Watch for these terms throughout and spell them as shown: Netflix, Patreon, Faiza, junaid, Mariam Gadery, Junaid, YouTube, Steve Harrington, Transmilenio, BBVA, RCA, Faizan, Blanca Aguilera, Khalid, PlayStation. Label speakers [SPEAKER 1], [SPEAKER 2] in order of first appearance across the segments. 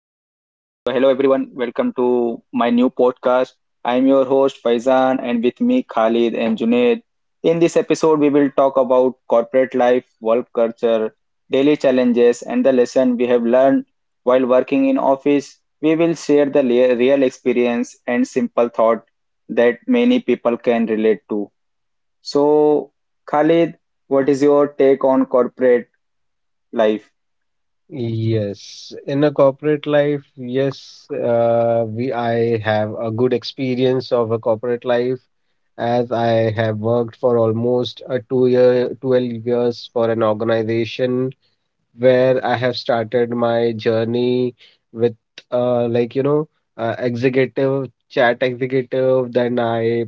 [SPEAKER 1] So, hello everyone, welcome to my new podcast. I'm your host Faizan, and with me Khalid and Junaid. In this episode, we will talk about corporate life, work culture, daily challenges, and the lesson we have learned while working in office. We will share the real experience and simple thought that many people can relate to. So, Khalid, what is your take on corporate life?
[SPEAKER 2] Yes, in a corporate life, yes, we I have a good experience of a corporate life, as I have worked for almost a 2 year, 12 years for an organization where I have started my journey with uh, like you know, executive, chat executive. Then I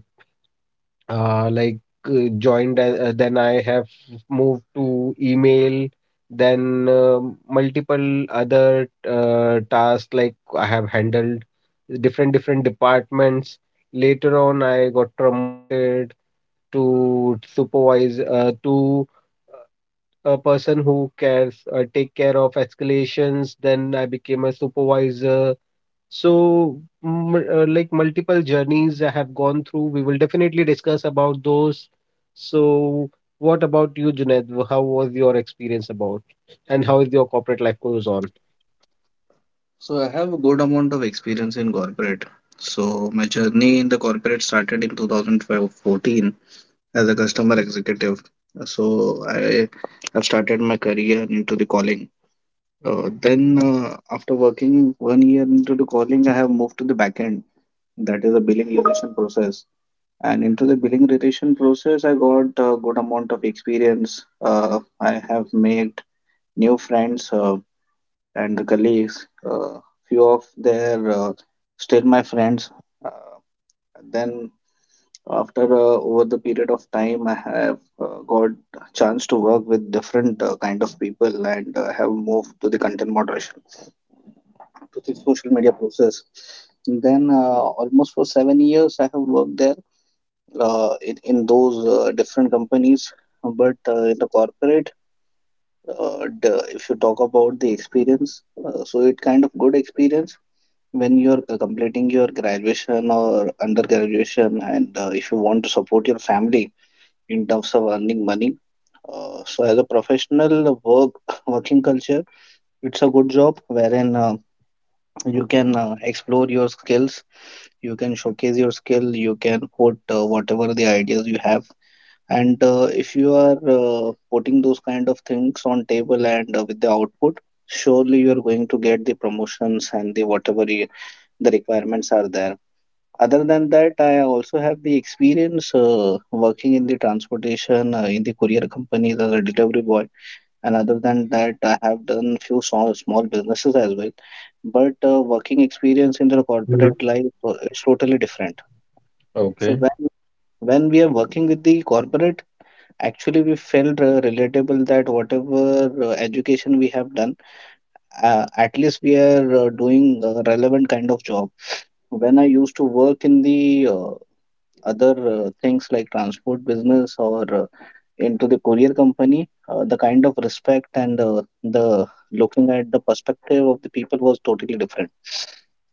[SPEAKER 2] like joined a- then I have moved to email, then multiple other tasks, like I have handled different different departments. Later on, I got promoted to supervise to a person who cares take care of escalations. Then I became a supervisor. So, like multiple journeys I have gone through. We will definitely discuss about those. So, what about you, Junaid? How was your experience about, and how is your corporate life goes on?
[SPEAKER 3] So I have a good amount of experience in corporate. So my journey in the corporate started in 2014 as a customer executive. So I have started my career into the calling. Then after working 1 year into the calling, I have moved to the backend. That is a billing relation process. And into the billing relation process, I got a good amount of experience. I have made new friends. And the colleagues. Few of their still my friends. Uh, then after over the period of time, I have got chance to work with different kind of people and have moved to the content moderation to the social media process. Then almost for 7 years, I have worked there in those different companies. But in the corporate, if you talk about the experience, so it kind of good experience when you're completing your graduation or undergraduation, and if you want to support your family in terms of earning money, so as a professional work working culture, it's a good job wherein you can explore your skills, you can showcase your skill, you can put whatever the ideas you have, and if you are putting those kind of things on table, and with the output, surely you are going to get the promotions and the whatever you, the requirements are there. Other than that, I also have the experience working in the transportation in the courier companies as a delivery boy. And other than that, I have done few small small businesses as well. But working experience in the
[SPEAKER 2] Mhm.
[SPEAKER 3] corporate life, it's totally different. So
[SPEAKER 2] Okay.
[SPEAKER 3] when we are working with the corporate, actually we felt relatable that whatever education we have done, at least we are doing a relevant kind of job. When I used to work in the other things like transport business or into the courier company, the kind of respect and the looking at the perspective of the people was totally different.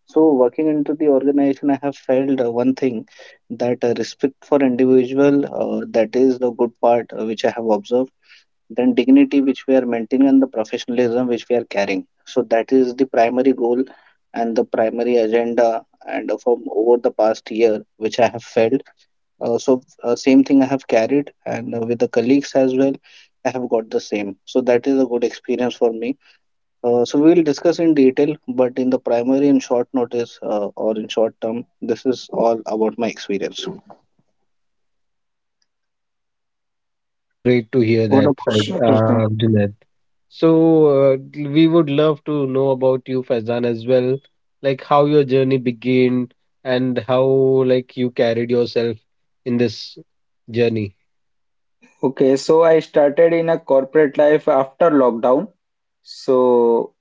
[SPEAKER 3] So, working into the organization, I have felt one thing, that respect for individual, that is the good part which I have observed. Then dignity which we are maintaining and the professionalism which we are carrying, so that is the primary goal and the primary agenda, and from over the past year which I have felt, so same thing I have carried, and with the colleagues as well, I have got the same, so that is a good experience for me. So we will discuss in detail, but in the primary in short notice or in short term, this is all about my experience.
[SPEAKER 2] Great to hear
[SPEAKER 3] What
[SPEAKER 2] that,
[SPEAKER 3] about...
[SPEAKER 1] Sure.
[SPEAKER 2] Junaid. So, uh, we would love to know about you, Faizan, as well, like how your journey began and how like you carried yourself in this journey.
[SPEAKER 1] Okay, so I started in a corporate life after lockdown. So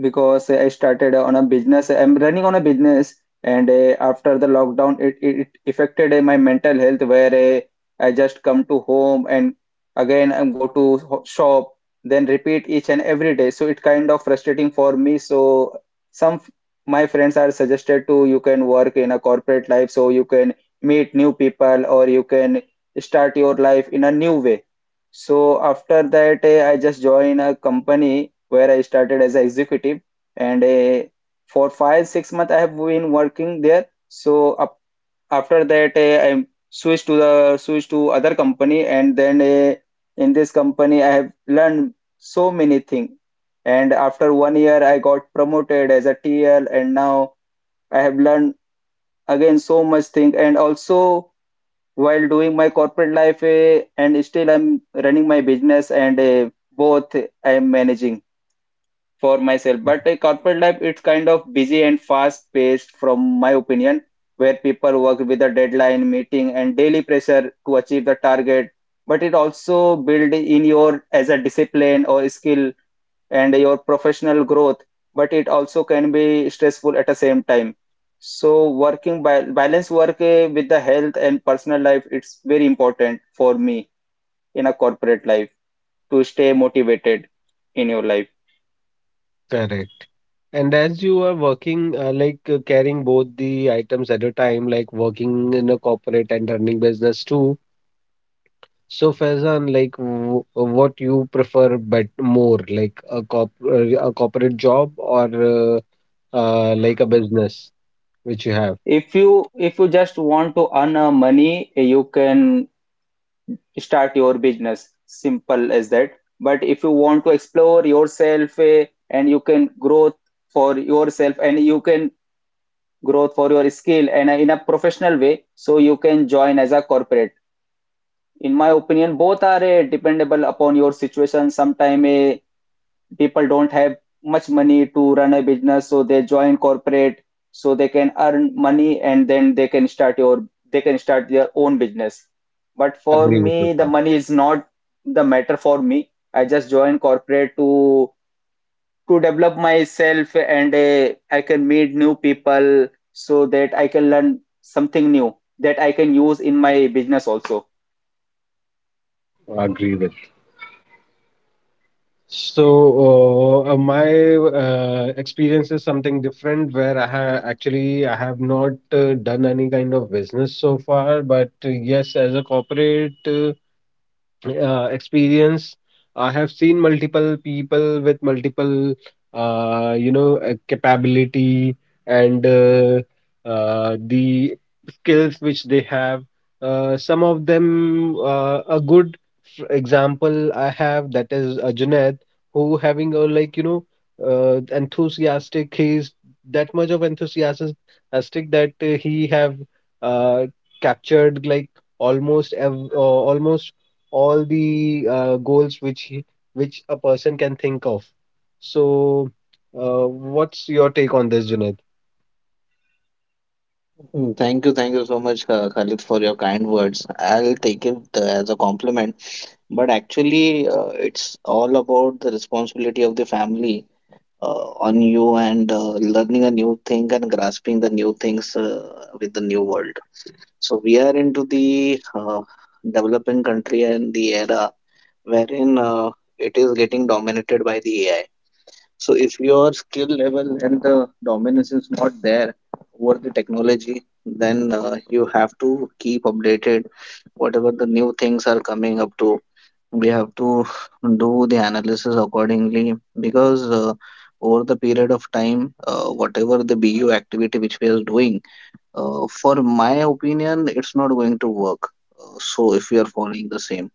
[SPEAKER 1] because I started on a business, I'm running on a business, and after the lockdown, it affected my mental health where I just come to home and again I go to shop, then repeat each and every day. So it kind of frustrating for me. So some f- my friends are suggested to you can work in a corporate life, so you can meet new people or you can start your life in a new way. So after that, I just joined a company where I started as an executive, and for 5-6 months I have been working there. So up, after that, I switched to other company, and then in this company I have learned so many things. And after 1 year, I got promoted as a TL, and now I have learned again so much thing, and also while doing my corporate life and still I'm running my business and both I'm managing for myself.
[SPEAKER 2] Mm.
[SPEAKER 1] But corporate life, it's kind of busy and fast paced from my opinion, where people work with a deadline, meeting and daily pressure to achieve the target. But it also build in your as a discipline or skill and your professional growth, but it also can be stressful at the same time. So working by balance work with the health and personal life, it's very important for me in a corporate life to stay motivated in your life.
[SPEAKER 2] Correct. And as you are working, carrying both the items at a time, like working in a corporate and running business too. So, Faizan, like w what you prefer but more, like a corporate job or like a business which you have?
[SPEAKER 1] If you just want to earn money, you can start your business. Simple as that. But if you want to explore yourself and you can grow for yourself and you can growth for your skill and in a professional way so you can join as a corporate, in my opinion both are dependable upon your situation. Sometimes people don't have much money to run a business so they join corporate so they can earn money and then they can start their own business, but for
[SPEAKER 2] Agree with your
[SPEAKER 1] me the
[SPEAKER 2] thought.
[SPEAKER 1] money is not the matter. For me I just join corporate to develop myself and I can meet new people so that I can learn something new that I can use in my business also.
[SPEAKER 2] Agree with. So, my experience is something different where I ha actually I have not done any kind of business so far, but yes, as a corporate experience. I have seen multiple people with multiple, capability and the skills which they have. Some of them, a good example I have, that is Junaid, who having a like you know, enthusiastic. He's that much of enthusiastic that he have uh, captured, like, almost all the goals which a person can think of. So, what's your take on this, Junaid?
[SPEAKER 3] Mm. Thank you so much, Khalid, for your kind words. I'll take it as a compliment. But actually, it's all about the responsibility of the family on you, and learning a new thing and grasping the new things with the new world. So we are into the developing country and the era wherein it is getting dominated by the AI. So if your skill level and the dominance is not there over the technology, then you have to keep updated. Whatever the new things are coming up to, we have to do the analysis accordingly, because over the period of time, whatever the BU activity which we are doing, for my opinion, it's not going to work. So if we are following the same,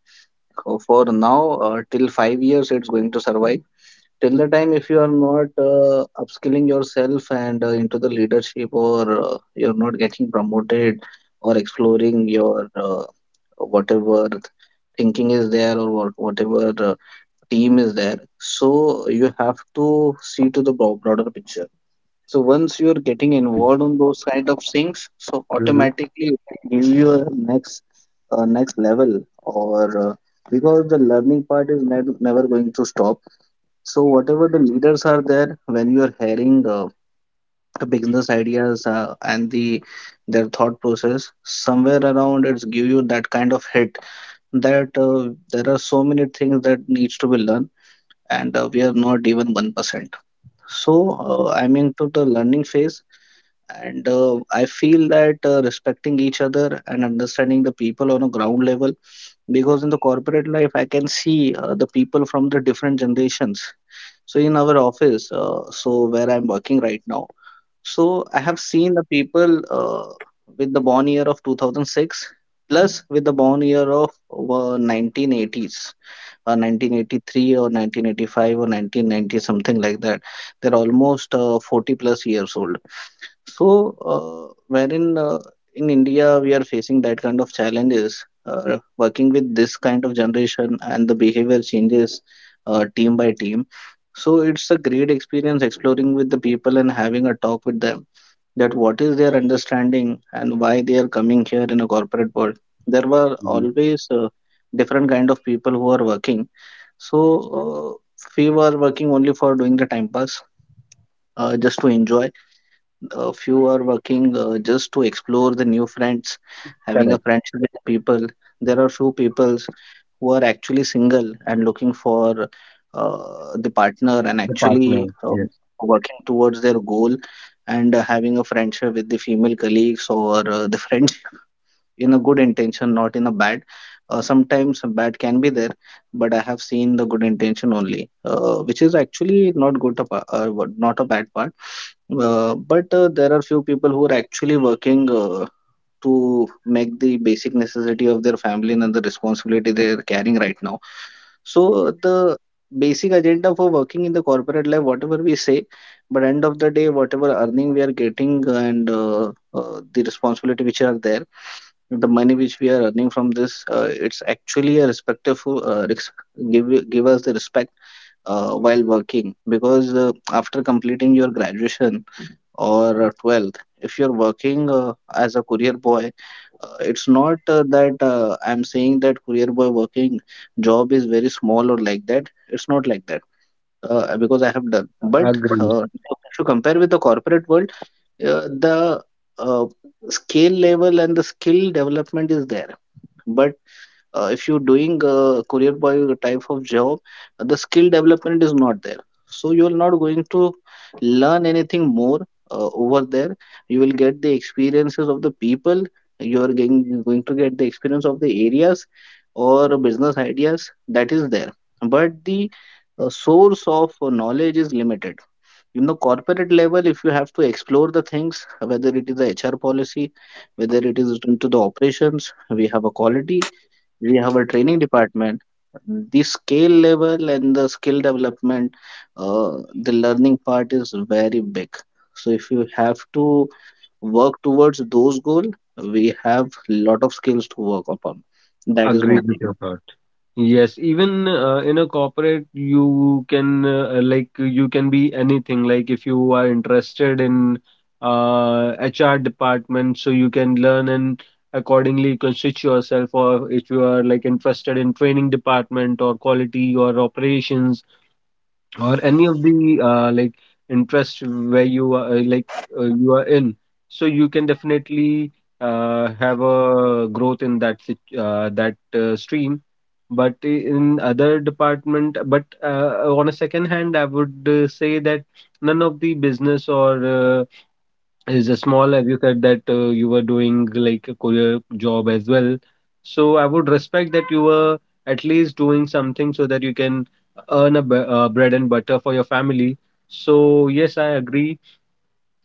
[SPEAKER 3] For now, till 5 years, it's going to survive till the time, if you are not upskilling yourself and into the leadership, or you're not getting promoted, or exploring your whatever thinking is there, or whatever team is there, so you have to see to the broader picture. So once you're getting
[SPEAKER 2] Agree.
[SPEAKER 3] involved on those kind of things, so automatically it will give you a next level, or because the learning part is never going to stop. So whatever the leaders are there, when you are hearing the business ideas and the their thought process, somewhere around it's give you that kind of hit, that there are so many things that needs to be learned, and we are not even 1%. So I'm into the learning phase, and I feel that respecting each other and understanding the people on a ground level, because in the corporate life I can see the people from the different generations. So in our office, so where I'm working right now, so I have seen the people with the born year of 2006 plus, with the born year of 1980s, 1983 or 1985 or 1990, something like that. They're almost 40 plus years old. So, wherein in India we are facing that kind of challenges, working with this kind of generation and the behavior changes team by team. So, it's a great experience exploring with the people and having a talk with them, that what is their understanding and why they are coming here in a corporate world. There were
[SPEAKER 2] Mhm.
[SPEAKER 3] always different kind of people who are working. So, we were working only for doing the time pass, just to enjoy. A few are working just to explore the new friends, having a
[SPEAKER 2] Correct.
[SPEAKER 3] friendship with the people. There are few people who are actually single and looking for uh, the partner, and
[SPEAKER 2] The
[SPEAKER 3] actually
[SPEAKER 2] partner. Yes.
[SPEAKER 3] working towards their goal, and having a friendship with the female colleagues or the friends in a good intention, not in a bad. Sometimes bad can be there, but I have seen the good intention only, which is actually not good, not a bad part, but there are few people who are actually working to make the basic necessity of their family and the responsibility they are carrying right now. So the basic agenda for working in the corporate life, whatever we say, but end of the day, whatever earning we are getting, and the responsibility which are there, the money which we are earning from this, it's actually a respectful give us the respect while working, because after completing your graduation or 12th, if you're working as a courier boy, it's not that I'm saying that courier boy working job is very small or like that, it's not like that, because I have done. But
[SPEAKER 2] Agree.
[SPEAKER 3] if you compare with the corporate world, the uh, skill level and the skill development is there, but if you're doing a career boy type of job, the skill development is not there, so you are not going to learn anything more over there. You will get the experiences of the people, you are getting, going to get the experience of the areas or business ideas that is there, but the source of knowledge is limited. In the corporate level, if you have to explore the things, whether it is the HR policy, whether it is into the operations, we have a quality, we have a training department, the skill level and the skill development, uh, the learning part is very big. So if you have to work towards those goals, we have lot of skills to work upon. That is my
[SPEAKER 2] Agree with
[SPEAKER 3] opinion.
[SPEAKER 2] your thought. Yes. Even in a corporate, you can be anything. Like if you are interested in, HR department, so you can learn and accordingly constitute yourself. Or if you are like interested in training department or quality or operations, or any of the interest where you are you are in, so you can definitely have a growth in that that stream, but in other department. But on a second hand, I would say that none of the business, or is a small, as you said that you were doing like a career job as well. So I would respect that you were at least doing something so that you can earn bread and butter for your family. So yes, I agree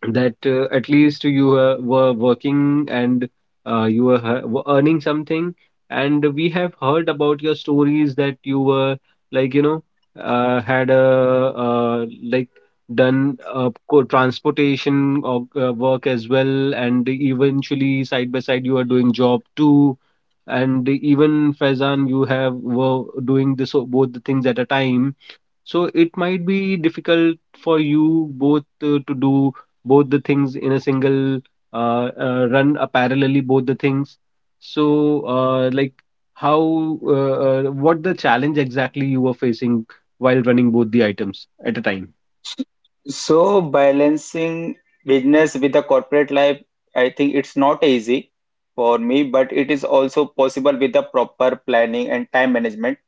[SPEAKER 2] that at least you were working, and you were earning something. And we have heard about your stories that you were, like you know had a like done transportation of work as well, and eventually side by side you are doing job too. And even Faizan, you have were doing this both the things at a time. So it might be difficult for you both to do both the things in a single run, parallelly both the things. So, how, what the challenge exactly you were facing while running both the items at a time?
[SPEAKER 1] So balancing business with the corporate life, I think it's not easy for me, but it is also possible with the proper planning and time management.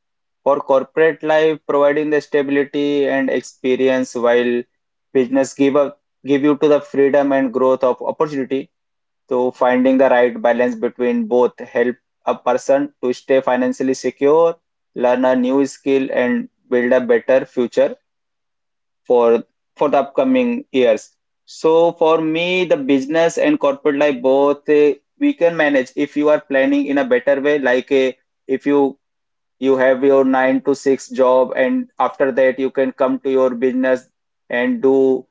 [SPEAKER 1] For corporate life, providing the stability and experience while business give you to the freedom and growth of opportunity. So finding the right balance between both help a person to stay financially secure, learn a new skill, and build a better future for for the upcoming years. So for me, the business and corporate life both we can manage if you are planning in a better way, like if you have your 9 to 6 job and after that you can come to your business and do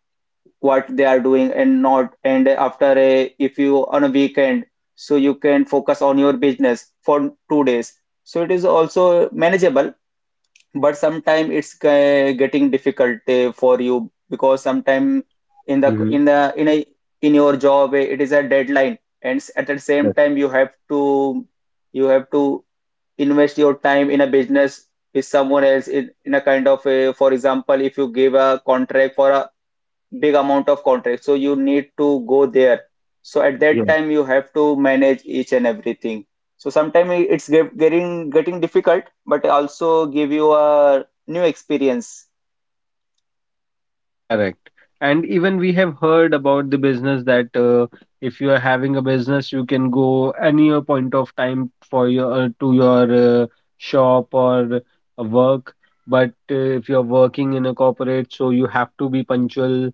[SPEAKER 1] what they are doing, and not, and after a if you on a weekend so you can focus on your business for 2 days, so it is also manageable, but sometimes it's getting difficult for you because sometimes in the
[SPEAKER 2] Mm-hmm.
[SPEAKER 1] in the in a in your job it is a deadline and at the same
[SPEAKER 2] Correct.
[SPEAKER 1] time you have to invest your time in a business with someone else in a kind of a, for example if you give a contract for a big amount of contract so you need to go there, so at
[SPEAKER 2] Yeah.
[SPEAKER 1] that time you have to manage each and everything, so sometimes it's getting difficult but also give you a new experience.
[SPEAKER 2] Correct. And even we have heard about the business that if you are having a business, you can go any point of time for your to your uh, shop or work. But if you're working in a corporate, so you have to be punctual.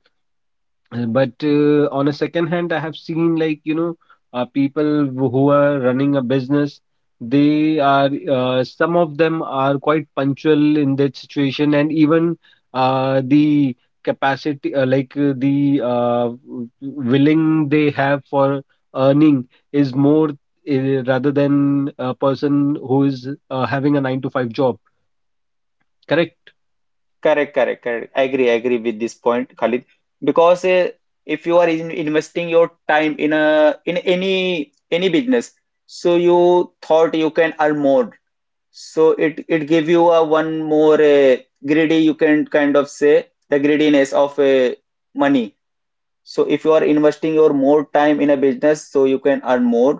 [SPEAKER 2] But on a second hand, I have seen, like, you know, people who are running a business. They some of them are quite punctual in that situation, and even the capacity, the willing they have for earning is more rather than a person who is having a nine to five job. Correct?
[SPEAKER 1] Correct, correct, correct. I agree with this point, Khalid, because if you are investing your time in a in any business, so you thought you can earn more. So it gave you a one more greedy, you can kind of say, the greediness of money. So if you are investing your more time in a business, so you can earn more.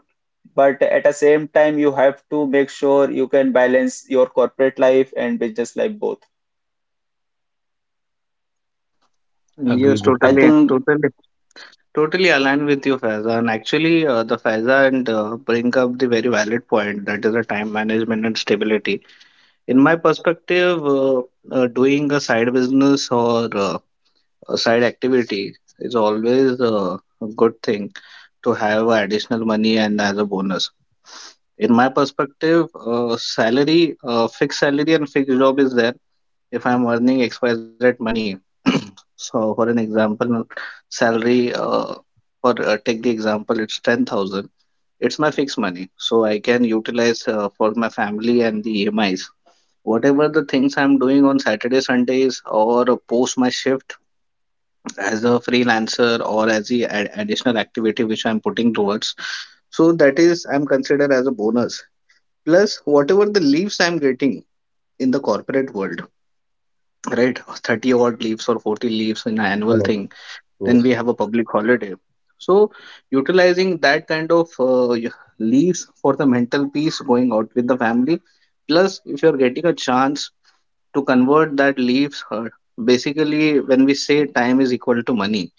[SPEAKER 1] But at the same time, you have to make sure you can balance your corporate life and business life both.
[SPEAKER 2] Agree
[SPEAKER 3] Yes,
[SPEAKER 2] with
[SPEAKER 1] I
[SPEAKER 2] that.
[SPEAKER 3] totally,
[SPEAKER 1] think
[SPEAKER 3] totally, totally aligned with you, Faiza. And actually, the Faiza and bring up the very valid point, that is the time management and stability. In my perspective, doing a side business or side activity is always a good thing to have additional money and as a bonus. In my perspective, salary, fixed salary and fixed job is there. If I'm earning XYZ money, so for an example, salary, for take the example, it's 10,000. It's my fixed money, so I can utilize for my family and the EMIs. Whatever the things I'm doing on Saturday, Sundays, or post my shift as a freelancer or as the additional activity which I'm putting towards. So that is I'm considered as a bonus. Plus whatever the leaves I'm getting in the corporate world, right? 30 odd leaves or 40 leaves in an annual
[SPEAKER 2] Correct.
[SPEAKER 3] thing. Then we
[SPEAKER 2] Yes.
[SPEAKER 3] have a public holiday. So utilizing that kind of leaves for the mental peace, going out with the family. Plus if you're getting a chance to convert that leaves, basically, when we say time is equal to money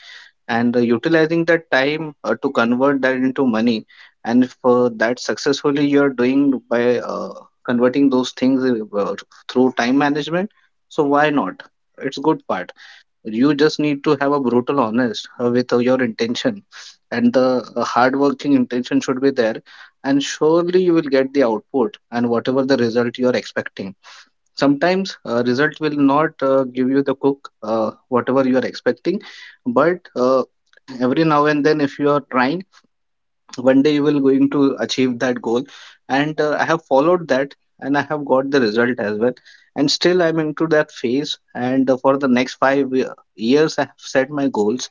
[SPEAKER 3] and utilizing that time to convert that into money, and if that successfully you're doing by converting those things, through time management, so why not? It's good part. You just need to have a brutal honest with your intention, and the hard working intention should be there, and surely you will get the output and whatever the result you are expecting. Sometimes result will not give you the cook whatever you are expecting, but every now and then if you are trying, one day you will going to achieve that goal. And I have followed that and I have got the result as well. And still I'm into that phase, and for the next years I have set my goals,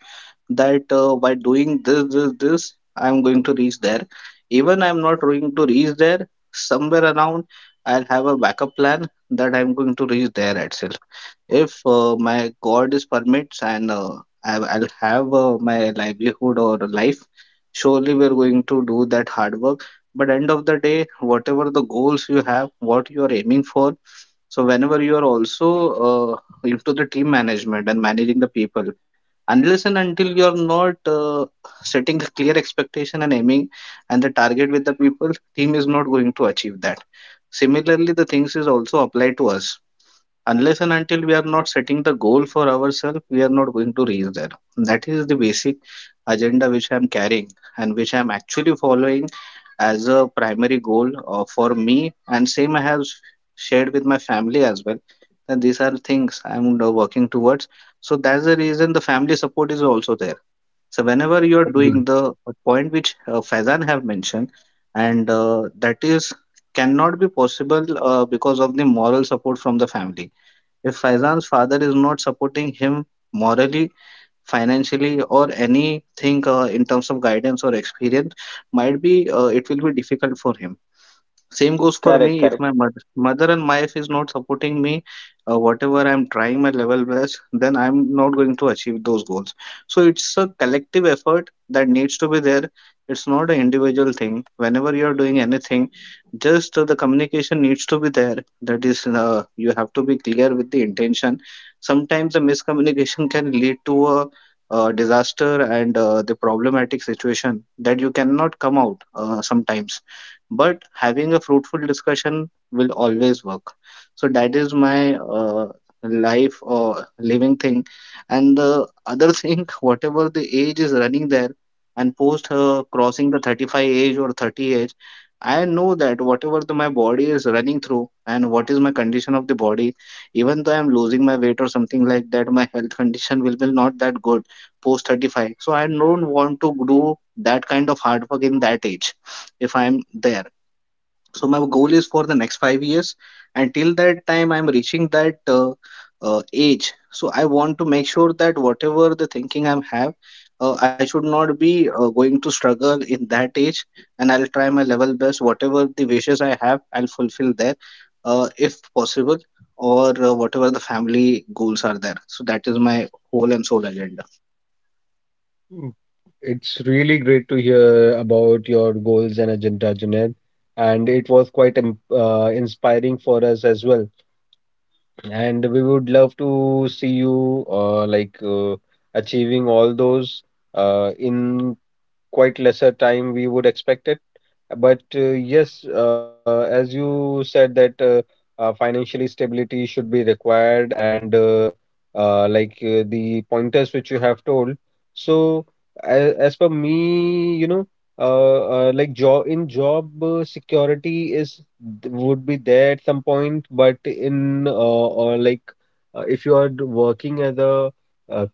[SPEAKER 3] that by doing this this this I am going to reach there. Even I am not going to reach there, somewhere around, I'll have a backup plan that I'm going to reach there itself. If my god is permits and I'll have my livelihood or life, surely we're going to do that hard work. But end of the day, whatever the goals you have, what you are aiming for. So whenever you are also into the team management and managing the people, unless and until you are not setting the clear expectation and aiming and the target with the people, team is not going to achieve that. Similarly, the things is also applied to us. Unless and until we are not setting the goal for ourselves, we are not going to reach there. That is the basic agenda which I am carrying and which I am actually following as a primary goal for me. And same I have shared with my family as well. That these are things I am working towards. So that's the reason the family support is also there. So whenever you are doing
[SPEAKER 2] Agree.
[SPEAKER 3] the point which Faizan have mentioned, and that is cannot be possible because of the moral support from the family. If Faizan's father is not supporting him morally, financially, or anything in terms of guidance or experience, might be it will be difficult for him. Same goes for
[SPEAKER 1] correct,
[SPEAKER 3] me. If
[SPEAKER 1] correct.
[SPEAKER 3] my mother and wife is not supporting me, whatever I'm trying my level best, then I'm not going to achieve those goals. So it's a collective effort that needs to be there. It's not an individual thing. Whenever you're doing anything, just the communication needs to be there. That is, you have to be clear with the intention. Sometimes the miscommunication can lead to a disaster and the problematic situation that you cannot come out sometimes, but having a fruitful discussion will always work. So that is my life or living thing. And the other thing, whatever the age is running there, and post crossing the 35 age or 30 age, I know that whatever my body is running through and what is my condition of the body. Even though I'm losing my weight or something like that, my health condition will be not that good post 35. So I don't want to do that kind of hard work in that age, if I'm there. So my goal is for the next 5 years. Until that time I'm reaching that uh, age. So I want to make sure that whatever the thinking I have, I should not be going to struggle in that age. And I'll try my level best whatever the wishes I have, I'll fulfill there if possible, or whatever the family goals are there. So that is my whole and sole agenda.
[SPEAKER 2] It's really great to hear about your goals and agenda, Junaid. And it was quite inspiring for us as well. And we would love to see you, achieving all those, in quite lesser time we would expect it. But yes, as you said that financially stability should be required, and the pointers which you have told. So as per me, you know, job security is would be there at some point, but in or like if you are working as a uh,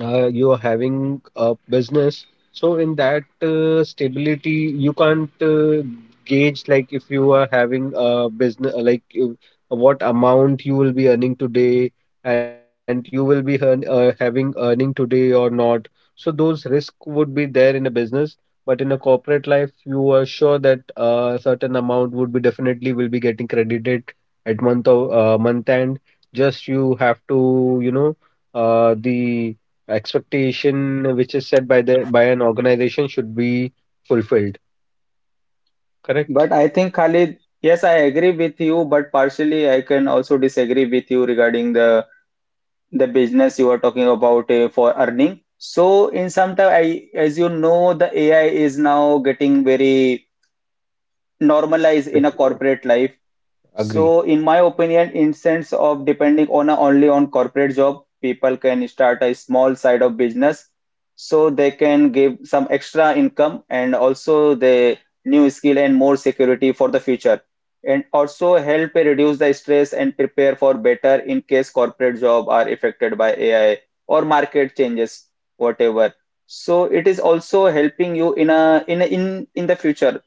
[SPEAKER 2] you're having a business. So in that stability you can't gauge, like if you are having a business, what amount you will be earning today and you will be having earning today or not. So those risk would be there in a business, but in a corporate life you are sure that a certain amount would be definitely will be getting credited at month end. Just you have to, the expectation which is set by an organization should be fulfilled.
[SPEAKER 1] But
[SPEAKER 2] Correct.
[SPEAKER 1] I think Khalid, yes, I agree with you, but partially I can also disagree with you regarding the business you are talking about for earning. So in some time, I, as you know, the AI is now getting very normalized
[SPEAKER 2] Yes,
[SPEAKER 1] in a corporate life.
[SPEAKER 2] agree,
[SPEAKER 1] So, in my opinion, in sense of depending on a, only on corporate job, people can start a small side of business so they can give some extra income and also the new skill and more security for the future. And also help reduce the stress and prepare for better in case corporate job are affected by AI or market changes, whatever. So it is also helping you in a in a, in in the future.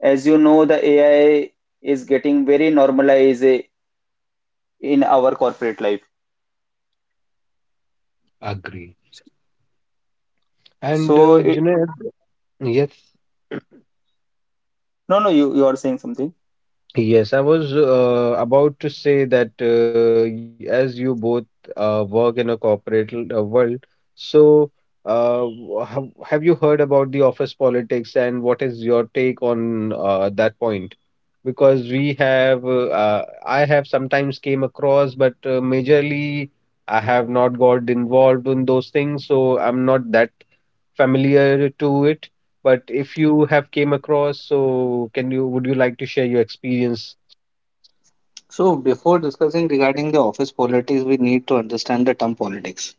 [SPEAKER 1] As you know, the AI is getting very normalized in our corporate life.
[SPEAKER 2] agree, and
[SPEAKER 1] So it,
[SPEAKER 2] Junaid. Yes.
[SPEAKER 1] no, no, you are saying something.
[SPEAKER 2] Yes, I was about to say that, as you both work in a corporate, world, so have you heard about the office politics and what is your take on that point? Because I have sometimes came across, but majorly I have not got involved in those things, so I'm not that familiar to it. But if you have came across, so can you would you like to share your experience.
[SPEAKER 3] So before discussing regarding the office politics, we need to understand the term politics.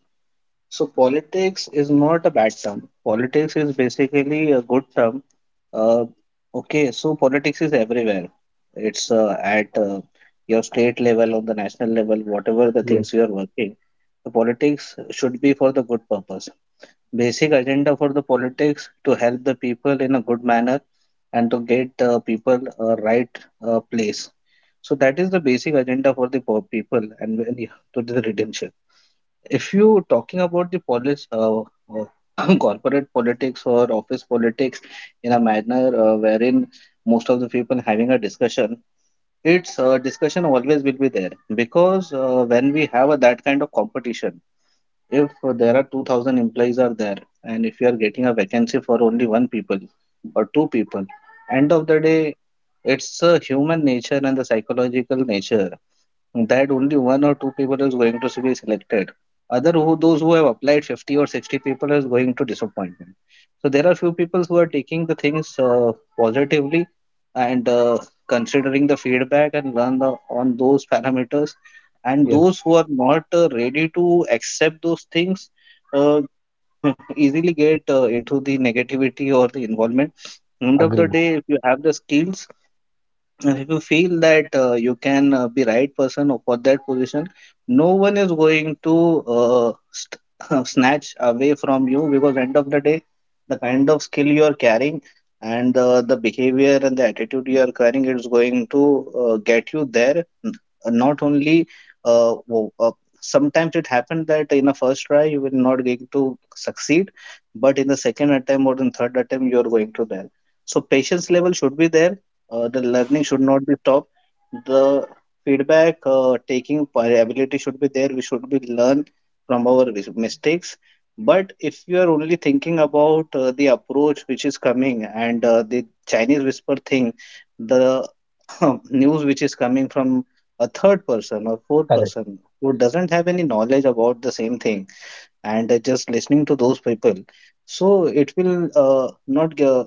[SPEAKER 3] So politics is not a bad term. Politics is basically a good term. Uh, okay, so politics is everywhere. It's at your state level, on the national level, whatever the
[SPEAKER 2] Yes,
[SPEAKER 3] things you are working. The politics should be for the good purpose. Basic agenda for the politics to help the people in a good manner and to get people right place. So that is the basic agenda for the people, and when you- to the redemption, if you talking about the policy, corporate politics or office politics, in a manner wherein most of the people having a discussion. It's discussion always will be there, because when we have a, that kind of competition, if there are 2000 employees are there, and if you are getting a vacancy for only one people or two people, end of the day, it's a human nature and the psychological nature that only one or two people is going to be selected. Other who those who have applied 50 or 60 people is going to disappointment. So there are few people who are taking the things positively and considering the feedback and learn the, on those parameters. And
[SPEAKER 2] yes,
[SPEAKER 3] those who are not ready to accept those things, uh, easily get into the negativity or the involvement. End of the
[SPEAKER 2] agree.
[SPEAKER 3] day, if you have the skills, and if you feel that you can be right person for that position, no one is going to snatch away from you, because end of the day, the kind of skill you are carrying and the behavior and the attitude you are carrying is going to get you there. Not only uh, wo- uh, sometimes it happened that in the first try you will not going to succeed, but in the second attempt or in third attempt you are going to there. So patience level should be there, the learning should not be stopped, the feedback taking ability should be there, we should be learn from our mistakes. But if you are only thinking about the approach which is coming and the Chinese whisper thing, the news which is coming from a third person or fourth
[SPEAKER 2] Correct.
[SPEAKER 3] person who doesn't have any knowledge about the same thing, and just listening to those people, so it will not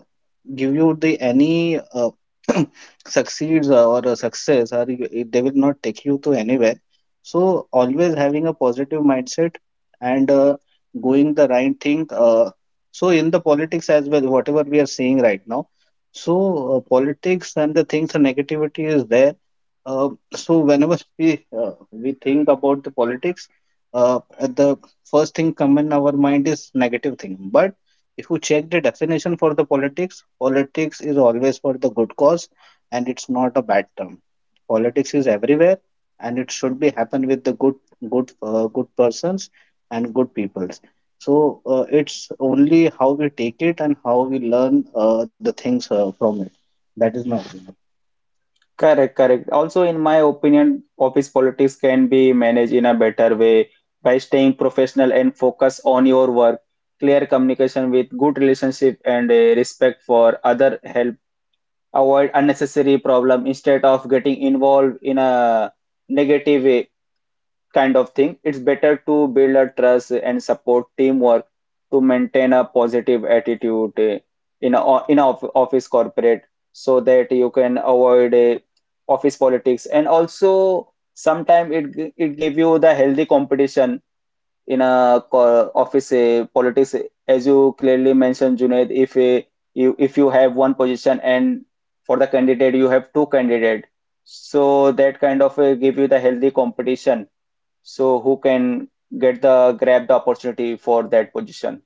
[SPEAKER 3] give you the any succeeds or a success, or they will not take you to anywhere. So always having a positive mindset and going the right thing. So in the politics as well, whatever we are seeing right now, so politics and the things, the negativity is there. uh, so whenever we think about the politics, uh, the first thing come in our mind is negative thing. But if you check the definition for the politics, politics is always for the good cause and it's not a bad term. Politics is everywhere and it should be happen with the good, good persons and good peoples. So it's only how we take it and how we learn the things from it. That is my opinion.
[SPEAKER 1] Correct, correct. Also, in my opinion, office politics can be managed in a better way by staying professional and focus on your work, clear communication with good relationship and respect for other help. Avoid unnecessary problem instead of getting involved in a negative way kind of thing. It's better to build a trust and support teamwork to maintain a positive attitude in a office corporate so that you can avoid office politics, and also sometimes it it give you the healthy competition in a office politics. As you clearly mentioned, Junaid, if you, if you have one position and for the candidate you have two candidate, so that kind of give you the healthy competition, so who can get the grab the opportunity for that position.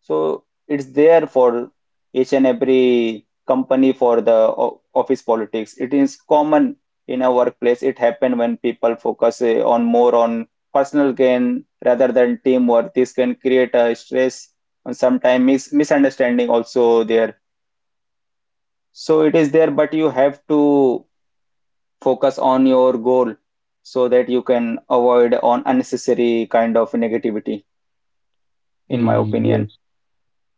[SPEAKER 1] So it's there for each and every company, for the office politics, it is common in a workplace, it happen when people focus on more on personal gain rather than teamwork. This can create a stress and sometimes misunderstanding also there, so it is there, but you have to focus on your goal so that you can avoid on unnecessary kind of negativity, in my opinion.
[SPEAKER 2] Yes,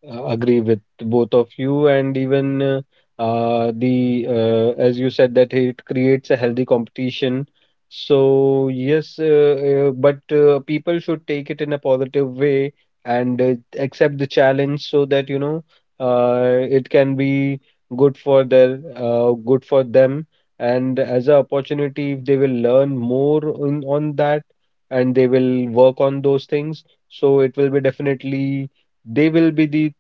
[SPEAKER 2] agree with both of you, and even the as you said that it creates a healthy competition. So yes, but people should take it in a positive way, and accept the challenge so that it can be good for their good for them, and as an opportunity, if they will learn more on that and they will work on those things, so it will be definitely they will be the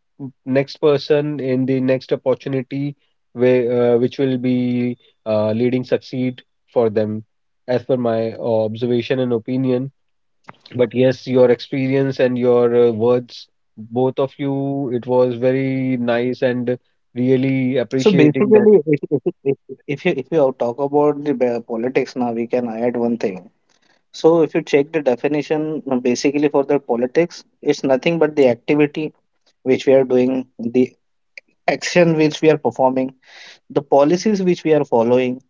[SPEAKER 2] next person in the next opportunity which will be leading succeed for them, as per my observation and opinion. But yes, your experience and your words, both of you, it was very nice and really
[SPEAKER 3] So
[SPEAKER 2] appreciating
[SPEAKER 3] basically, if you talk about the politics now, we can add one thing. So if you check the definition, basically for the politics, it's nothing but the activity which we are doing, the action which we are performing, the policies which we are following,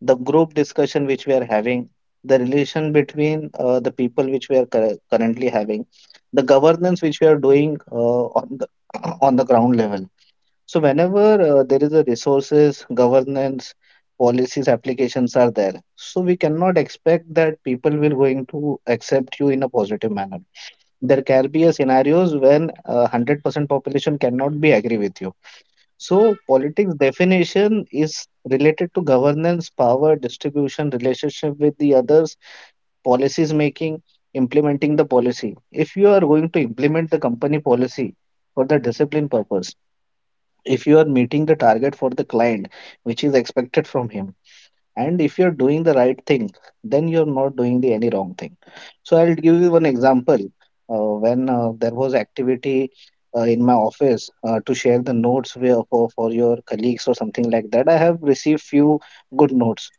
[SPEAKER 3] the group discussion which we are having, the relation between the people which we are currently having, the governance which we are doing on the on the ground level. So whenever there is a resources, governance, policies, applications are there, so we cannot expect that people will going to accept you in a positive manner. There can be a scenarios when 100% population cannot be agree with you. So politics definition is related to governance, power, distribution, relationship with the others, policies making, implementing the policy. If you are going to implement the company policy for the discipline purpose, if you are meeting the target for the client which is expected from him, and if you're doing the right thing, then you're not doing the any wrong thing. So I'll give you one example. When there was activity in my office to share the notes where for your colleagues or something like that, I have received few good notes,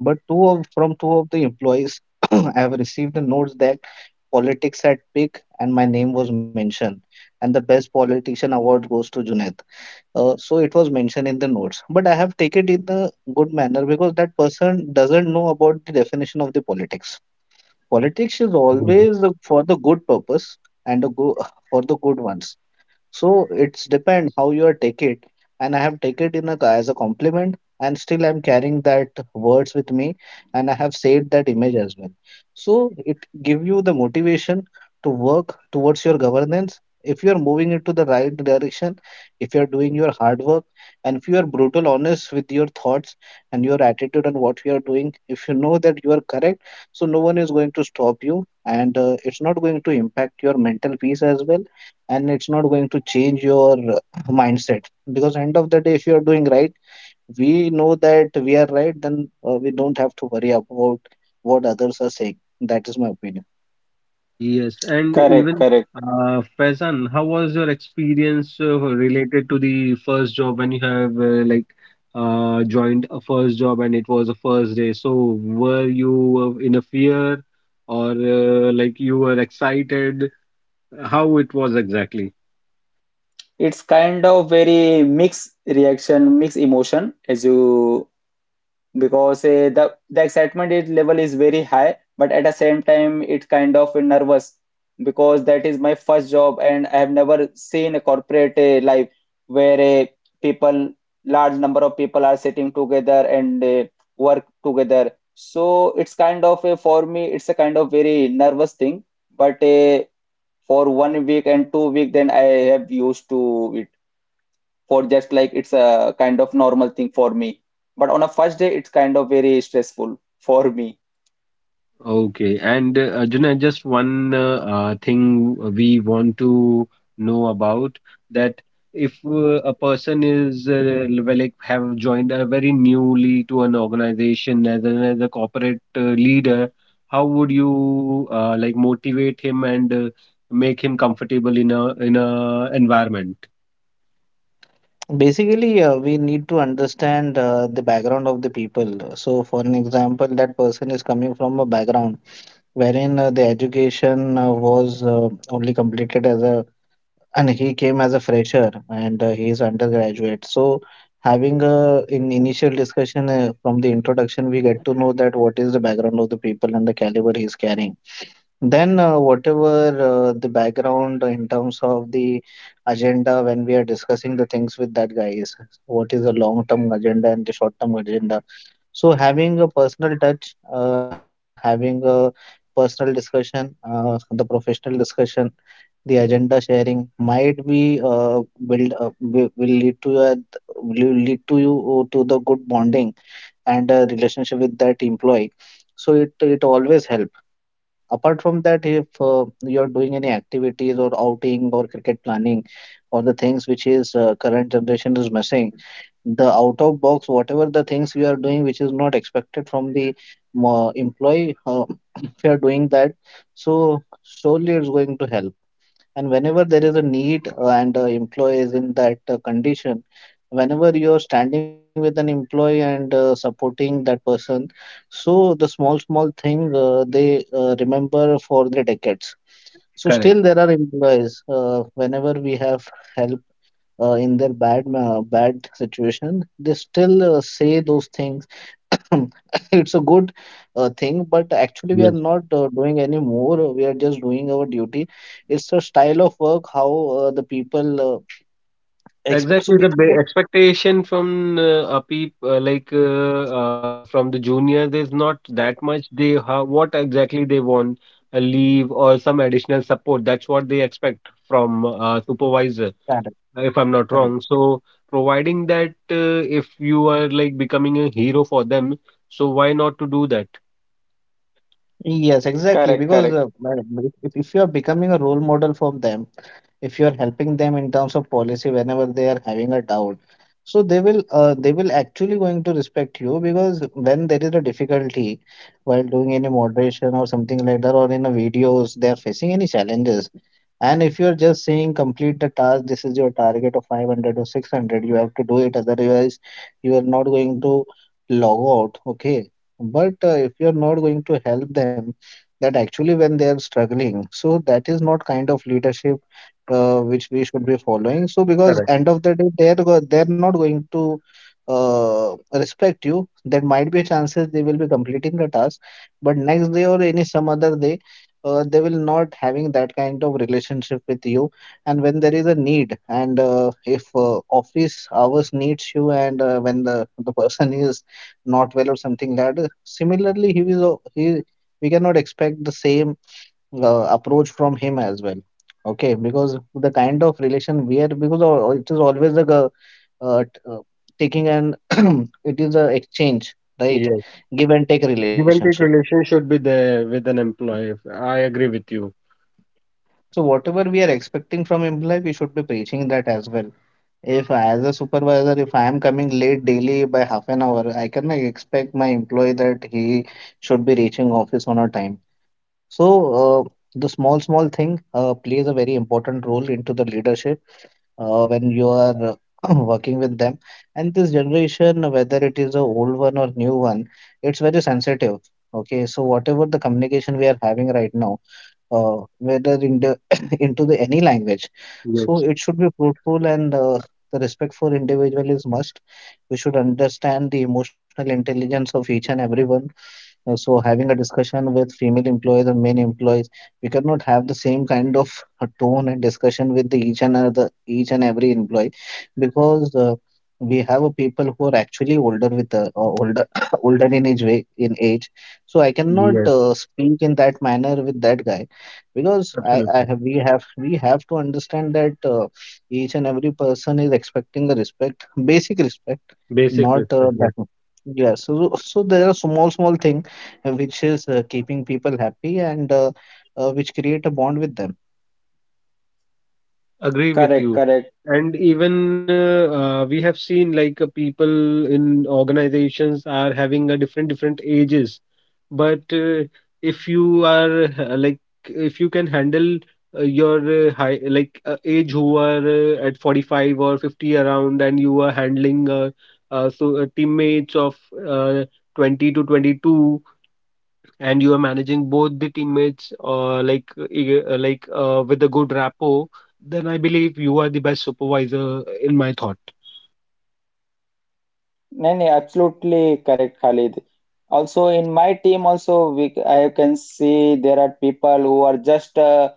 [SPEAKER 3] but two of from two of the employees I have received the notes that politics at peak and my name was mentioned, and the best politician award goes to Junaid. So it was mentioned in the notes, but I have taken it in a good manner, because that person doesn't know about the definition of the politics. Politics is
[SPEAKER 2] that.
[SPEAKER 3] always for the good purpose and the go for the good ones. So it's depend how you are take it, and I have take it in a as a compliment, and still I'm carrying that words with me, and I have saved that image as well. So it give you the motivation to work towards your governance. If you are moving into the right direction, if you are doing your hard work, and if you are brutal honest with your thoughts and your attitude on what you are doing, if you know that you are correct, so no one is going to stop you, and it's not going to impact your mental peace as well, and it's not going to change your mindset, because end of the day if you are doing right, we know that we are right, then we don't have to worry about what others are saying. That is my opinion.
[SPEAKER 2] Yes. And
[SPEAKER 1] Correct,
[SPEAKER 2] even
[SPEAKER 1] correct.
[SPEAKER 2] Faizan, how was your experience related to the first job when you have joined a first job and it was a first day? So were you in a fear or you were excited? How it was exactly?
[SPEAKER 1] It's kind of very mixed reaction, mixed emotion as you, because the level is very high, but at the same time it kind of nervous because that is my first job and I have never seen a corporate life where people, large number of people are sitting together and work together. So it's kind of a, for me, it's a kind of very nervous thing, but for 1 week and 2 week then I have used to it, for just like it's a kind of normal thing for me, but on a first day it's kind of very stressful for me.
[SPEAKER 2] Okay. And Junaid, just one thing we want to know about, that if a person is well, like have joined a very newly to an organization as an as a corporate leader, how would you motivate him and make him comfortable in a environment?
[SPEAKER 3] Basically, we need to understand the background of the people. So for an example, that person is coming from a background wherein the education was only completed as a, and he came as a fresher, and he is undergraduate. So having a in initial discussion from the introduction, we get to know that what is the background of the people and the caliber he is carrying. Then whatever the background in terms of the agenda when we are discussing the things with that guy is what is the long term agenda and the short term agenda. So having a personal touch, having a personal discussion, the professional discussion, the agenda sharing might be build up, wi- will lead to a, will lead to you to the good bonding and a relationship with that employee. So it always help. Apart from that, if you're doing any activities or outing or cricket planning or the things which is current generation is missing, the out of box whatever the things we are doing which is not expected from the employee if you are doing that, so surely it's going to help. And whenever there is a need and employee is in that condition, whenever you are standing with an employee and supporting that person, so the small, small thing they remember for the decades. So still
[SPEAKER 2] Correct.
[SPEAKER 3] there are employees, whenever we have help in their bad situation, they still say those things. It's a good thing, but actually we are not doing any more, we are just doing our duty. It's a style of work, how the people
[SPEAKER 2] Exactly,
[SPEAKER 3] so
[SPEAKER 2] the ba
[SPEAKER 3] basically.
[SPEAKER 2] expectation from a peep like from the juniors is not that much. They have what exactly they want, a leave or some additional support. That's what they expect from a supervisor,
[SPEAKER 3] Correct.
[SPEAKER 2] if I'm not
[SPEAKER 3] Correct.
[SPEAKER 2] wrong. So providing that, if you are like becoming a hero for them, so why not to do that?
[SPEAKER 3] Yes, exactly,
[SPEAKER 1] Correct,
[SPEAKER 3] because
[SPEAKER 1] correct,
[SPEAKER 3] if you are becoming a role model for them, if you are helping them in terms of policy whenever they are having a doubt, so they will actually going to respect you, because when there is a difficulty while doing any moderation or something like that or in a videos they are facing any challenges, and if you are just saying complete the task, this is your target of 500 or 600, you have to do it, otherwise you are not going to log out. Okay, but if you are not going to help them, that actually when they are struggling, so that is not kind of leadership which we should be following. So because
[SPEAKER 2] Correct.
[SPEAKER 3] end of the day, they're not going to respect you. There might be chances they will be completing the task, but next day or any some other day, they will not having that kind of relationship with you. And when there is a need, and if office hours needs you, and when the person is not well or something like that, similarly he, we cannot expect the same approach from him as well. Okay, because the kind of relation we are, because it is always like a uh, uh, t- uh, taking, and it is a exchange, right?
[SPEAKER 2] Yes.
[SPEAKER 3] Give and take
[SPEAKER 2] Give and
[SPEAKER 3] relationship.
[SPEAKER 2] take relation should be there with an employee. I agree with you.
[SPEAKER 3] So whatever we are expecting from employee, we should be preaching that as well. If I, as a supervisor, if I am coming late daily by half an hour, I cannot expect my employee that he should be reaching office on a time. So the small small thing plays a very important role into the leadership when you are working with them. And this generation, whether it is a old one or new one, it's very sensitive. Okay, so whatever the communication we are having right now, whether in the, into the any language, so
[SPEAKER 2] Yes,
[SPEAKER 3] it should be fruitful, and the respect for individual is must. We should understand the emotional intelligence of each and everyone. So having a discussion with female employees and male employees, we cannot have the same kind of a tone and discussion with the each and other, each and every employee, because we have a people who are actually older with older older in age, way in age.
[SPEAKER 2] y-
[SPEAKER 3] So I
[SPEAKER 2] y-
[SPEAKER 3] cannot
[SPEAKER 2] yes,
[SPEAKER 3] speak in that manner with that guy, because I
[SPEAKER 2] absolutely.
[SPEAKER 3] have we have we have to understand that each and every person is expecting a respect, basic respect,
[SPEAKER 2] Basic
[SPEAKER 3] not
[SPEAKER 2] respect. Yes.
[SPEAKER 3] that. Yes, so, so there are small, small thing which is keeping people happy, and which create a bond with them.
[SPEAKER 2] Agree with
[SPEAKER 1] correct,
[SPEAKER 2] you.
[SPEAKER 1] correct.
[SPEAKER 2] And even we have seen, like, people in organizations are having a different different ages, but if you are like if you can handle, your high like age who are at 45 or 50 around, and you are handling, teammates of uh, 20 to 22, and you are managing both the teammates with a good rapport, then I believe you are the best supervisor in my thought.
[SPEAKER 1] No, no, absolutely correct, Khalid. Also, in my team, also we I can see there are people who are just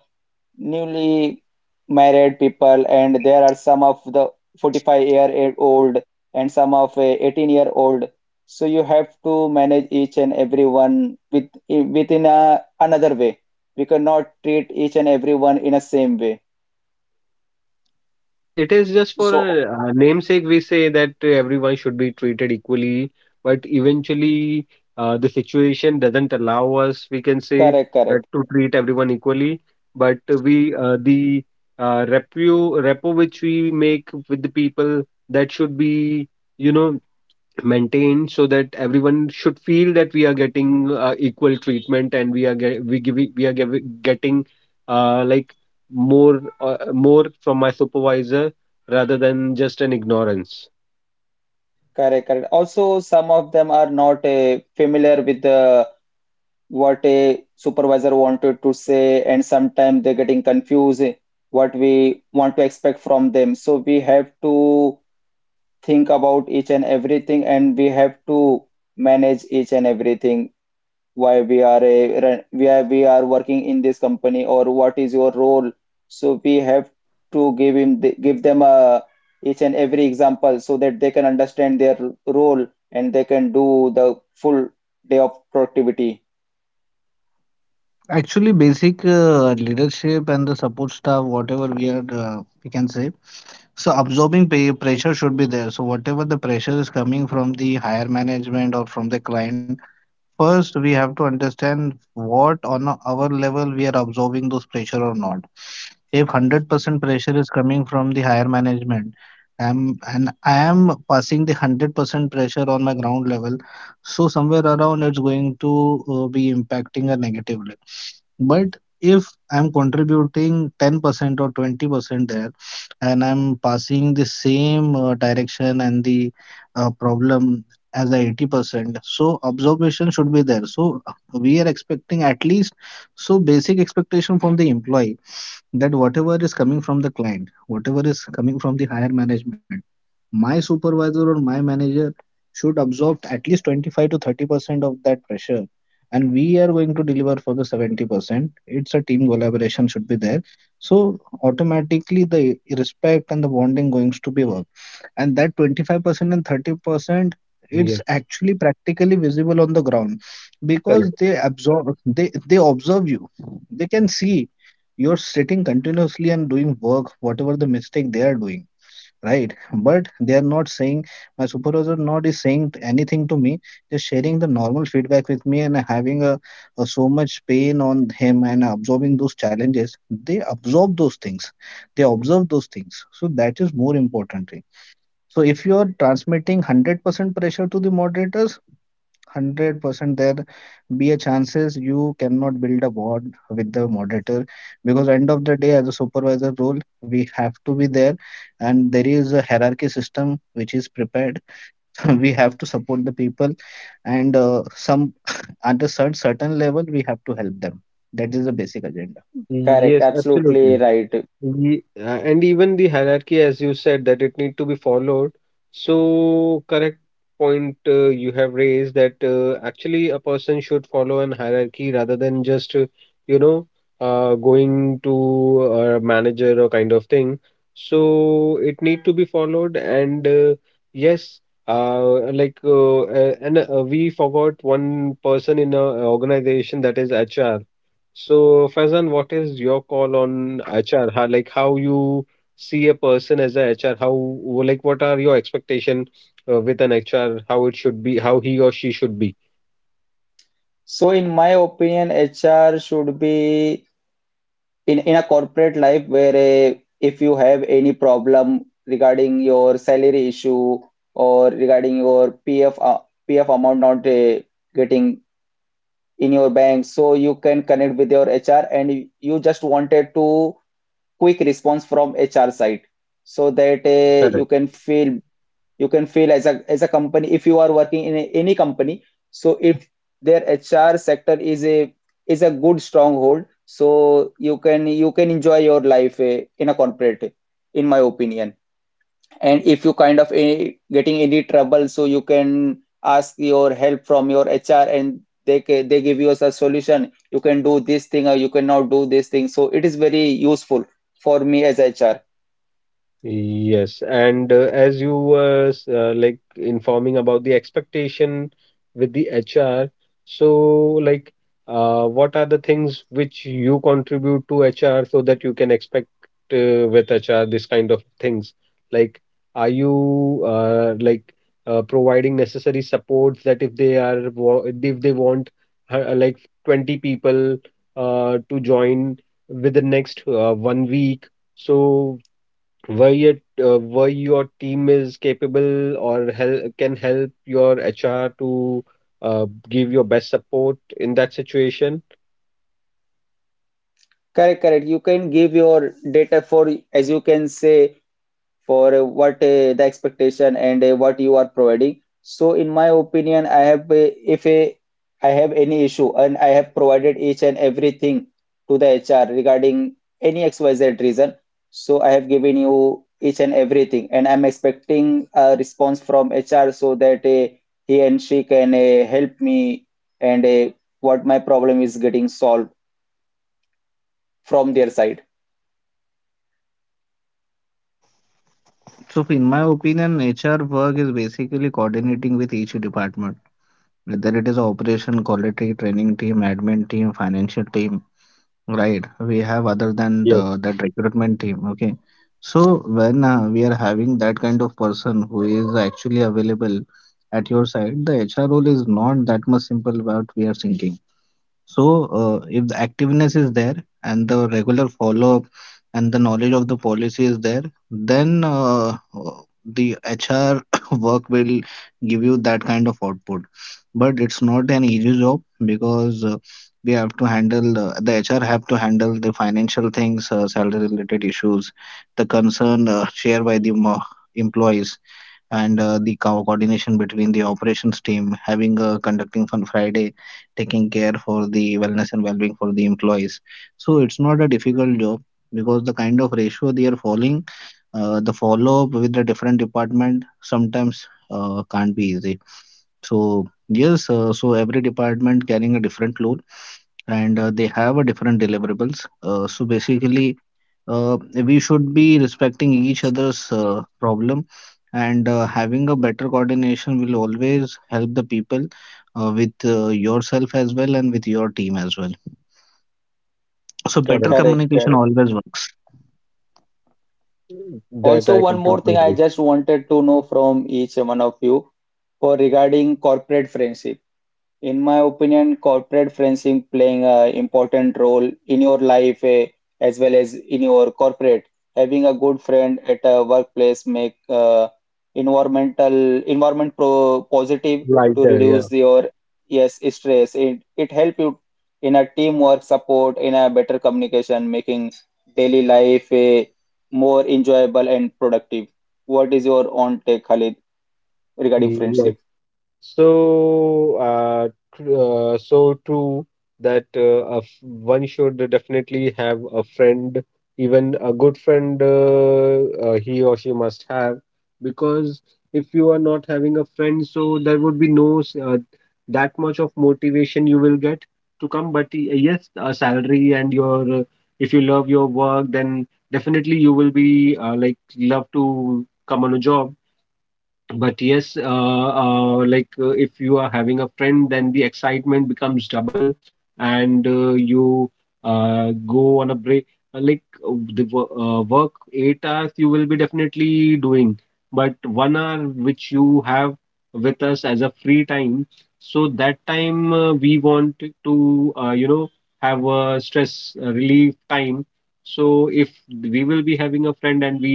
[SPEAKER 1] newly married people and there are some of the 45-year-old and some of a 18-year old, so you have to manage each and everyone within another way, we cannot treat each and everyone in a same way,
[SPEAKER 2] Yes, it is just for
[SPEAKER 1] so
[SPEAKER 2] a namesake we say that everyone should be treated equally, but eventually the situation doesn't allow us, we can say
[SPEAKER 1] correct,
[SPEAKER 2] that
[SPEAKER 1] correct,
[SPEAKER 2] to treat everyone equally, but we the repu repo which we make with the people that should be you know maintained, so that everyone should feel that we are getting equal treatment and we are get, we give, we are giv getting uh, like more more from my supervisor rather than just an ignorance.
[SPEAKER 1] correct, correct. Also some of them are not familiar with the what a supervisor wanted to say and sometimes they're getting confused what we want to expect from them, so we have to think about each and everything and we have to manage each and everything, why we are a we are working in this company or what is your role. So we have to give them a each and every example so that they can understand their role and they can do the full day of productivity.
[SPEAKER 3] Actually, basic leadership and the support staff, whatever we are, we can say. So absorbing pay pressure should be there. So whatever the pressure is coming from the higher management or from the client, first we have to understand what on our level we are absorbing those pressure or not. If 100% pressure is coming from the higher management, I am passing the 100% pressure on my ground level, so somewhere around it's going to be impacting a negatively. But if I'm contributing 10% or 20% there, and I'm passing the same direction and the problem as the 80%, so observation should be there. So we are expecting at least, so basic expectation from the employee, that whatever is coming from the client, whatever is coming from the higher management, my supervisor or my manager should absorb at least 25 to 30% of that pressure. And we are going to deliver for the 70%. It's a team collaboration should be there. So automatically the respect and the bonding going to be work. And that 25% and 30%, it's
[SPEAKER 2] Yes,
[SPEAKER 3] actually practically visible on the ground, because
[SPEAKER 2] correct.
[SPEAKER 3] they observe you, they can see you're sitting continuously and doing work whatever the mistake they are doing, right, but they are not saying my supervisor not is saying anything to me. They're sharing the normal feedback with me and having a so much pain on him and absorbing those challenges, they absorb those things, they observe those things, so that is more important thing. So if you are transmitting 100% pressure to the moderators, 100% there be a chances you cannot build a bond with the moderator, because end of the day as a supervisor role we have to be there, and there is a hierarchy system which is prepared. We have to support the people and some at a certain level we have to help them. That is the basic agenda.
[SPEAKER 1] Correct,
[SPEAKER 2] Yes,
[SPEAKER 1] absolutely
[SPEAKER 2] absolutely.
[SPEAKER 1] right.
[SPEAKER 2] And even the hierarchy, as you said, that it need to be followed. So, correct point you have raised that actually a person should follow an hierarchy rather than just, you know, going to a manager or kind of thing. So it need to be followed, and yes, like, and we forgot one person in a organization, that is HR. So, Faizan, what is your call on HR? How, like how you see a person as a HR? How like what are your expectation with an HR? How it should be? How he or she should be?
[SPEAKER 1] So, in my opinion, HR should be in a corporate life, where if you have any problem regarding your salary issue or regarding your PF amount not getting in your bank, so you can connect with your HR and you just wanted to quick response from HR side so that you can feel, as a company, if you are working in any company, so if their HR sector is a good stronghold, so you can enjoy your life in a corporate, in my opinion. And if you kind of getting any trouble, so you can ask your help from your HR and they give you as a solution, you can do this thing or you cannot do this thing, so it is very useful for me as HR.
[SPEAKER 2] Yes, and as you were like informing about the expectation with the HR. So, like what are the things which you contribute to HR so that you can expect with HR this kind of things? Like, are you like providing necessary supports, that if they are if they want like 20 people to join with the next one week? So where your where your team is capable, or help can help your HR to give your best support in that situation.
[SPEAKER 1] Correct, correct. You can give your data for, as you can say, for what the expectation and what you are providing. So in my opinion, I have if I have any issue and I have provided each and everything to the HR regarding any XYZ reason. So I have given you each and everything, and I'm expecting a response from HR so that he and she can help me and what my problem is getting solved from their side.
[SPEAKER 3] So in my opinion, HR work is basically coordinating with each department, whether it is operation, quality, training team, admin team, financial team. Right, we have other than
[SPEAKER 2] Yes,
[SPEAKER 3] that recruitment team. Okay, so when we are having that kind of person who is actually available at your side, the HR role is not that much simple what we are thinking. So, if the activeness is there, and the regular follow-up, and the knowledge of the policy is there, then the HR work will give you that kind of output. But it's not an easy job, because we have to handle the HR have to handle the financial things, salary-related issues, the concern shared by the employees, and the coordination between the operations team, having conducting Fun Friday, taking care for the wellness and well-being for the employees. So it's not a difficult job, because the kind of ratio they are following, the follow-up with the different department sometimes can't be easy. So yes, so every department carrying a different load, and they have a different deliverables. So basically, we should be respecting each other's problem, and having a better coordination will always help the people with yourself as well and with your team as well. So better
[SPEAKER 2] correct.
[SPEAKER 1] Correct,
[SPEAKER 3] communication
[SPEAKER 1] correct.
[SPEAKER 3] always works.
[SPEAKER 2] That
[SPEAKER 1] Also,
[SPEAKER 2] I
[SPEAKER 1] one more
[SPEAKER 2] completely
[SPEAKER 1] thing I
[SPEAKER 2] agree.
[SPEAKER 1] just wanted to know from each one of you, for regarding corporate friendship. In my opinion, corporate friendship playing an important role in your life as well as in your corporate. Having a good friend at a workplace make environment pro positive to
[SPEAKER 2] Lighter, yeah.
[SPEAKER 1] reduce your, yes, stress. It help you in a teamwork support, in a better communication, making daily life more enjoyable and productive. What is your own take, Khalid, regarding
[SPEAKER 2] Yes.
[SPEAKER 1] friendship?
[SPEAKER 2] So, so true that a f one should definitely have a friend, even a good friend, he or she must have, because if you are not having a friend, so there would be no that much of motivation you will get to come. But yes, a salary and your if you love your work, then definitely you will be love to come on a job. But yes, like if you are having a friend, then the excitement becomes double, and you go on a break. Like, the work 8 hours you will be definitely doing, but one hour which you have with us as a free time, so that time we want to uh, you know have a stress relief time. So if we will be having a friend and we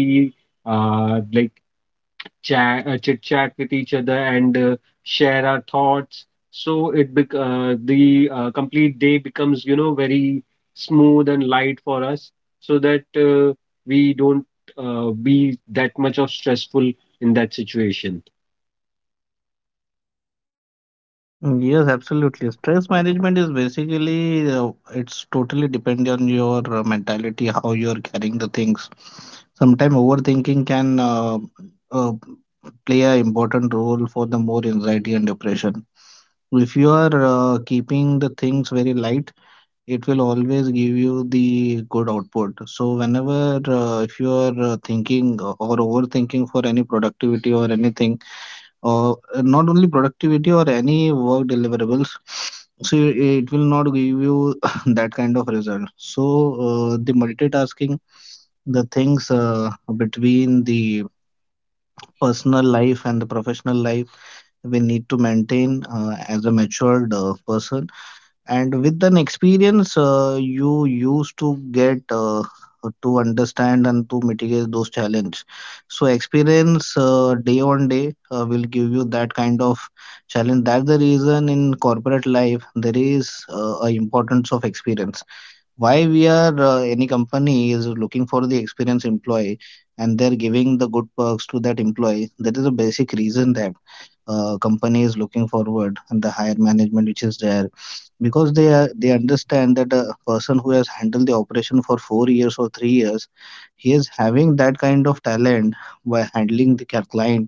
[SPEAKER 2] like chit chat with each other and share our thoughts. So the complete day becomes, very smooth and light for us, so that we don't be that much of stressful in that situation.
[SPEAKER 3] Mm, yes, absolutely. Stress management is basically, it's totally depend on your mentality, how you're carrying the things. Sometimes overthinking can uh, play an important role for the more anxiety and depression. If you are keeping the things very light, it will always give you the good output. So whenever if you are thinking or overthinking for any productivity or anything or not only productivity or any work deliverables, so it will not give you that kind of result. So the multitasking, the things between the personal life and the professional life we need to maintain as a matured person, and with an experience, you used to get to understand and to mitigate those challenges. So experience day on day will give you that kind of challenge. That's the reason in corporate life there is a importance of experience, why we are any company is looking for the experienced employee and they're giving the good perks to that employee. That is a basic reason that company is looking forward, and the higher management which is there, because they understand that a person who has handled the operation for 4 years or 3 years, he is having that kind of talent by handling the client,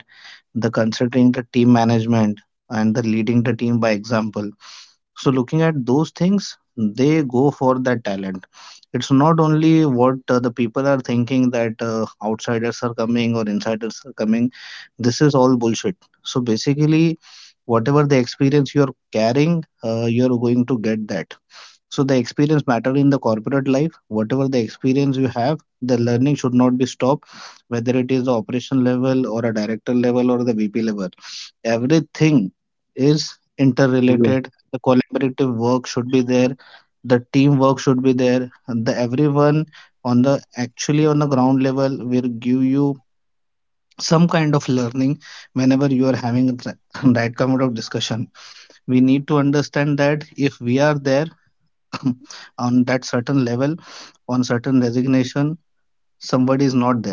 [SPEAKER 3] the consulting, the team management, and the leading the team by example. So looking at those things, they go for that talent. It's not only what the people are thinking that outsiders are coming or insiders are coming. This is all bullshit. So basically, whatever the experience you're carrying, you're going to get that. So the experience matter in the corporate life. Whatever the experience you have, the learning should not be stopped, whether it is the operation level or a director level or the VP level. Everything is
[SPEAKER 2] Yes,
[SPEAKER 3] interrelated. The collaborative work should be there. The teamwork should be there. The everyone on the actually on the ground level will give you some kind of learning whenever you are having that that kind of discussion, we need to understand that if we are there on that certain level, on certain designation, somebody is not there.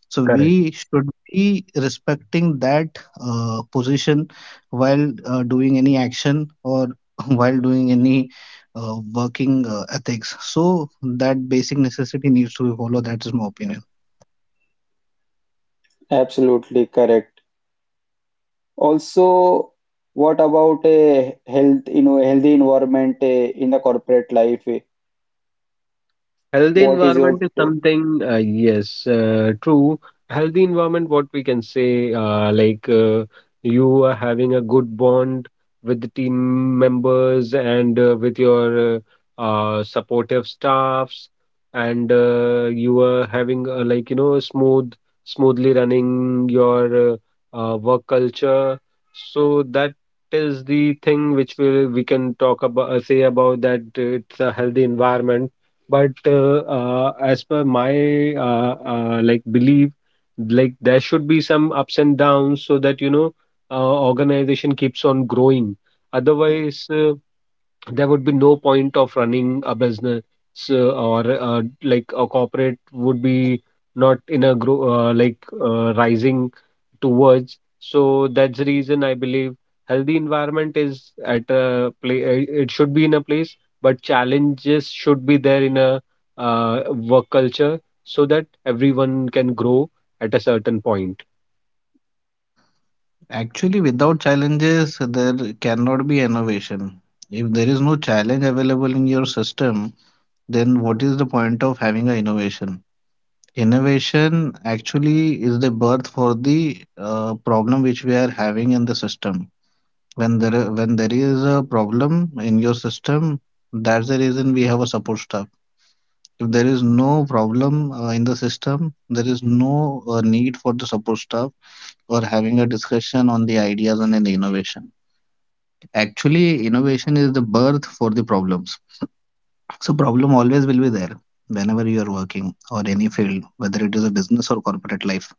[SPEAKER 3] So
[SPEAKER 2] correct.
[SPEAKER 3] we should be respecting that position while doing any action or while doing any working ethics. So that basic necessity needs to be followed. That is my opinion.
[SPEAKER 1] Absolutely correct. Also, what about a healthy environment in the corporate life? Eh?
[SPEAKER 2] Healthy
[SPEAKER 1] What is
[SPEAKER 2] environment
[SPEAKER 1] your
[SPEAKER 2] is
[SPEAKER 1] take?
[SPEAKER 2] something, yes, true. Healthy environment, what we can say, like you are having a good bond with the team members and with your supportive staffs, and you are having like smooth, smoothly running your work culture. So that is the thing which we can talk about, say about that it's a healthy environment, but as per my like belief, like there should be some ups and downs so that, you know, organization keeps on growing. Otherwise there would be no point of running a business, or like a corporate would be not in a grow like rising towards. So that's the reason I believe healthy environment is at a play, it should be in a place, but challenges should be there in a work culture so that everyone can grow at a certain point.
[SPEAKER 3] Actually, without challenges, there cannot be innovation. If there is no challenge available in your system, then what is the point of having an innovation? Innovation actually is the birth for the problem which we are having in the system. When there is a problem in your system, that's the reason we have a support staff. If there is no problem in the system, there is no need for the support staff or having a discussion on the ideas and the innovation. Actually, innovation is the birth for the problems. So problem always will be there whenever you are working or any field, whether it is a business or corporate life.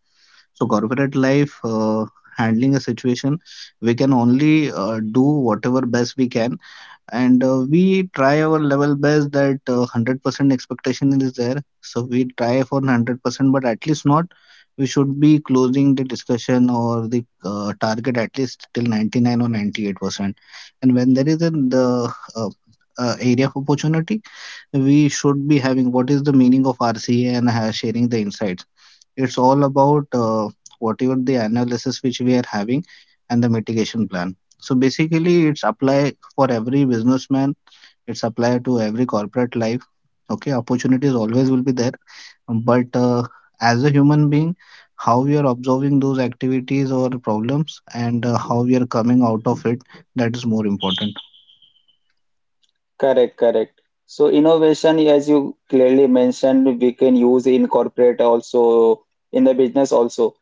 [SPEAKER 3] So, corporate life, handling a situation, we can only do whatever best we can, and we try our level best that 100% expectation is there. So, we try for 100%, but at least not. We should be closing the discussion or the target at least till 99 or 98%. And when there is an the area of opportunity, we should be having what is the meaning of RCA, and sharing the insights, it's all about whatever the analysis which we are having and the mitigation plan. So basically, it's apply for every businessman. It's apply to every corporate life. Okay, opportunities always will be there, but as a human being, how we are observing those activities or problems and how we are coming out of it, that is more important.
[SPEAKER 1] Correct, correct. So innovation, as you clearly mentioned, we can use in corporate also, in the business also.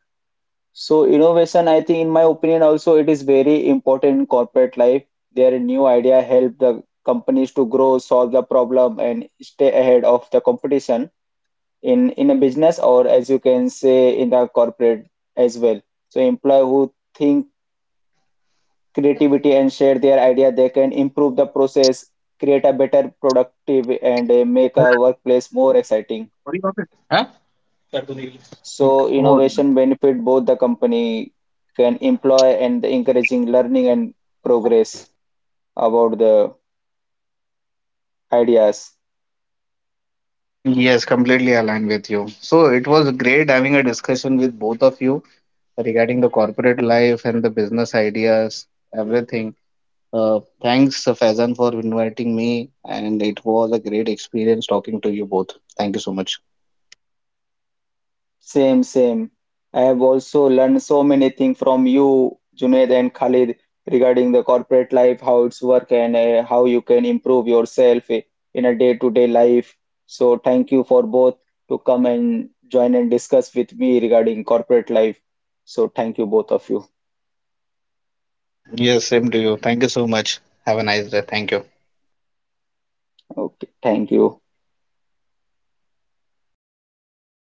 [SPEAKER 1] So innovation, I think, in my opinion, also it is very important in corporate life. Their new idea help the companies to grow, solve the problem, and stay ahead of the competition. In a business or, as you can say, in the corporate as well, so employee who think creativity and share their idea, they can improve the process, create a better productive and make
[SPEAKER 3] अरे,
[SPEAKER 1] a
[SPEAKER 3] अरे,
[SPEAKER 1] workplace more exciting.
[SPEAKER 3] sorry, वापस। हाँ? कर दो।
[SPEAKER 1] So innovation benefit both the company can employ, and encouraging learning and progress about the ideas.
[SPEAKER 3] Yes, completely aligned with you. So it was great having a discussion with both of you regarding the corporate life and the business ideas, everything. Thanks, Faizan, for inviting me, and it was a great experience talking to you both. Thank you so much.
[SPEAKER 1] Same, same. I have also learned so many things from you, Junaid and Khalid, regarding the corporate life, how it's work, and how you can improve yourself in a day-to-day life. So thank you for both to come and join and discuss with me regarding corporate life. So thank you both of you.
[SPEAKER 3] Yes, same to you. Thank you so much. Have a nice day. Thank you.
[SPEAKER 1] Okay, thank you.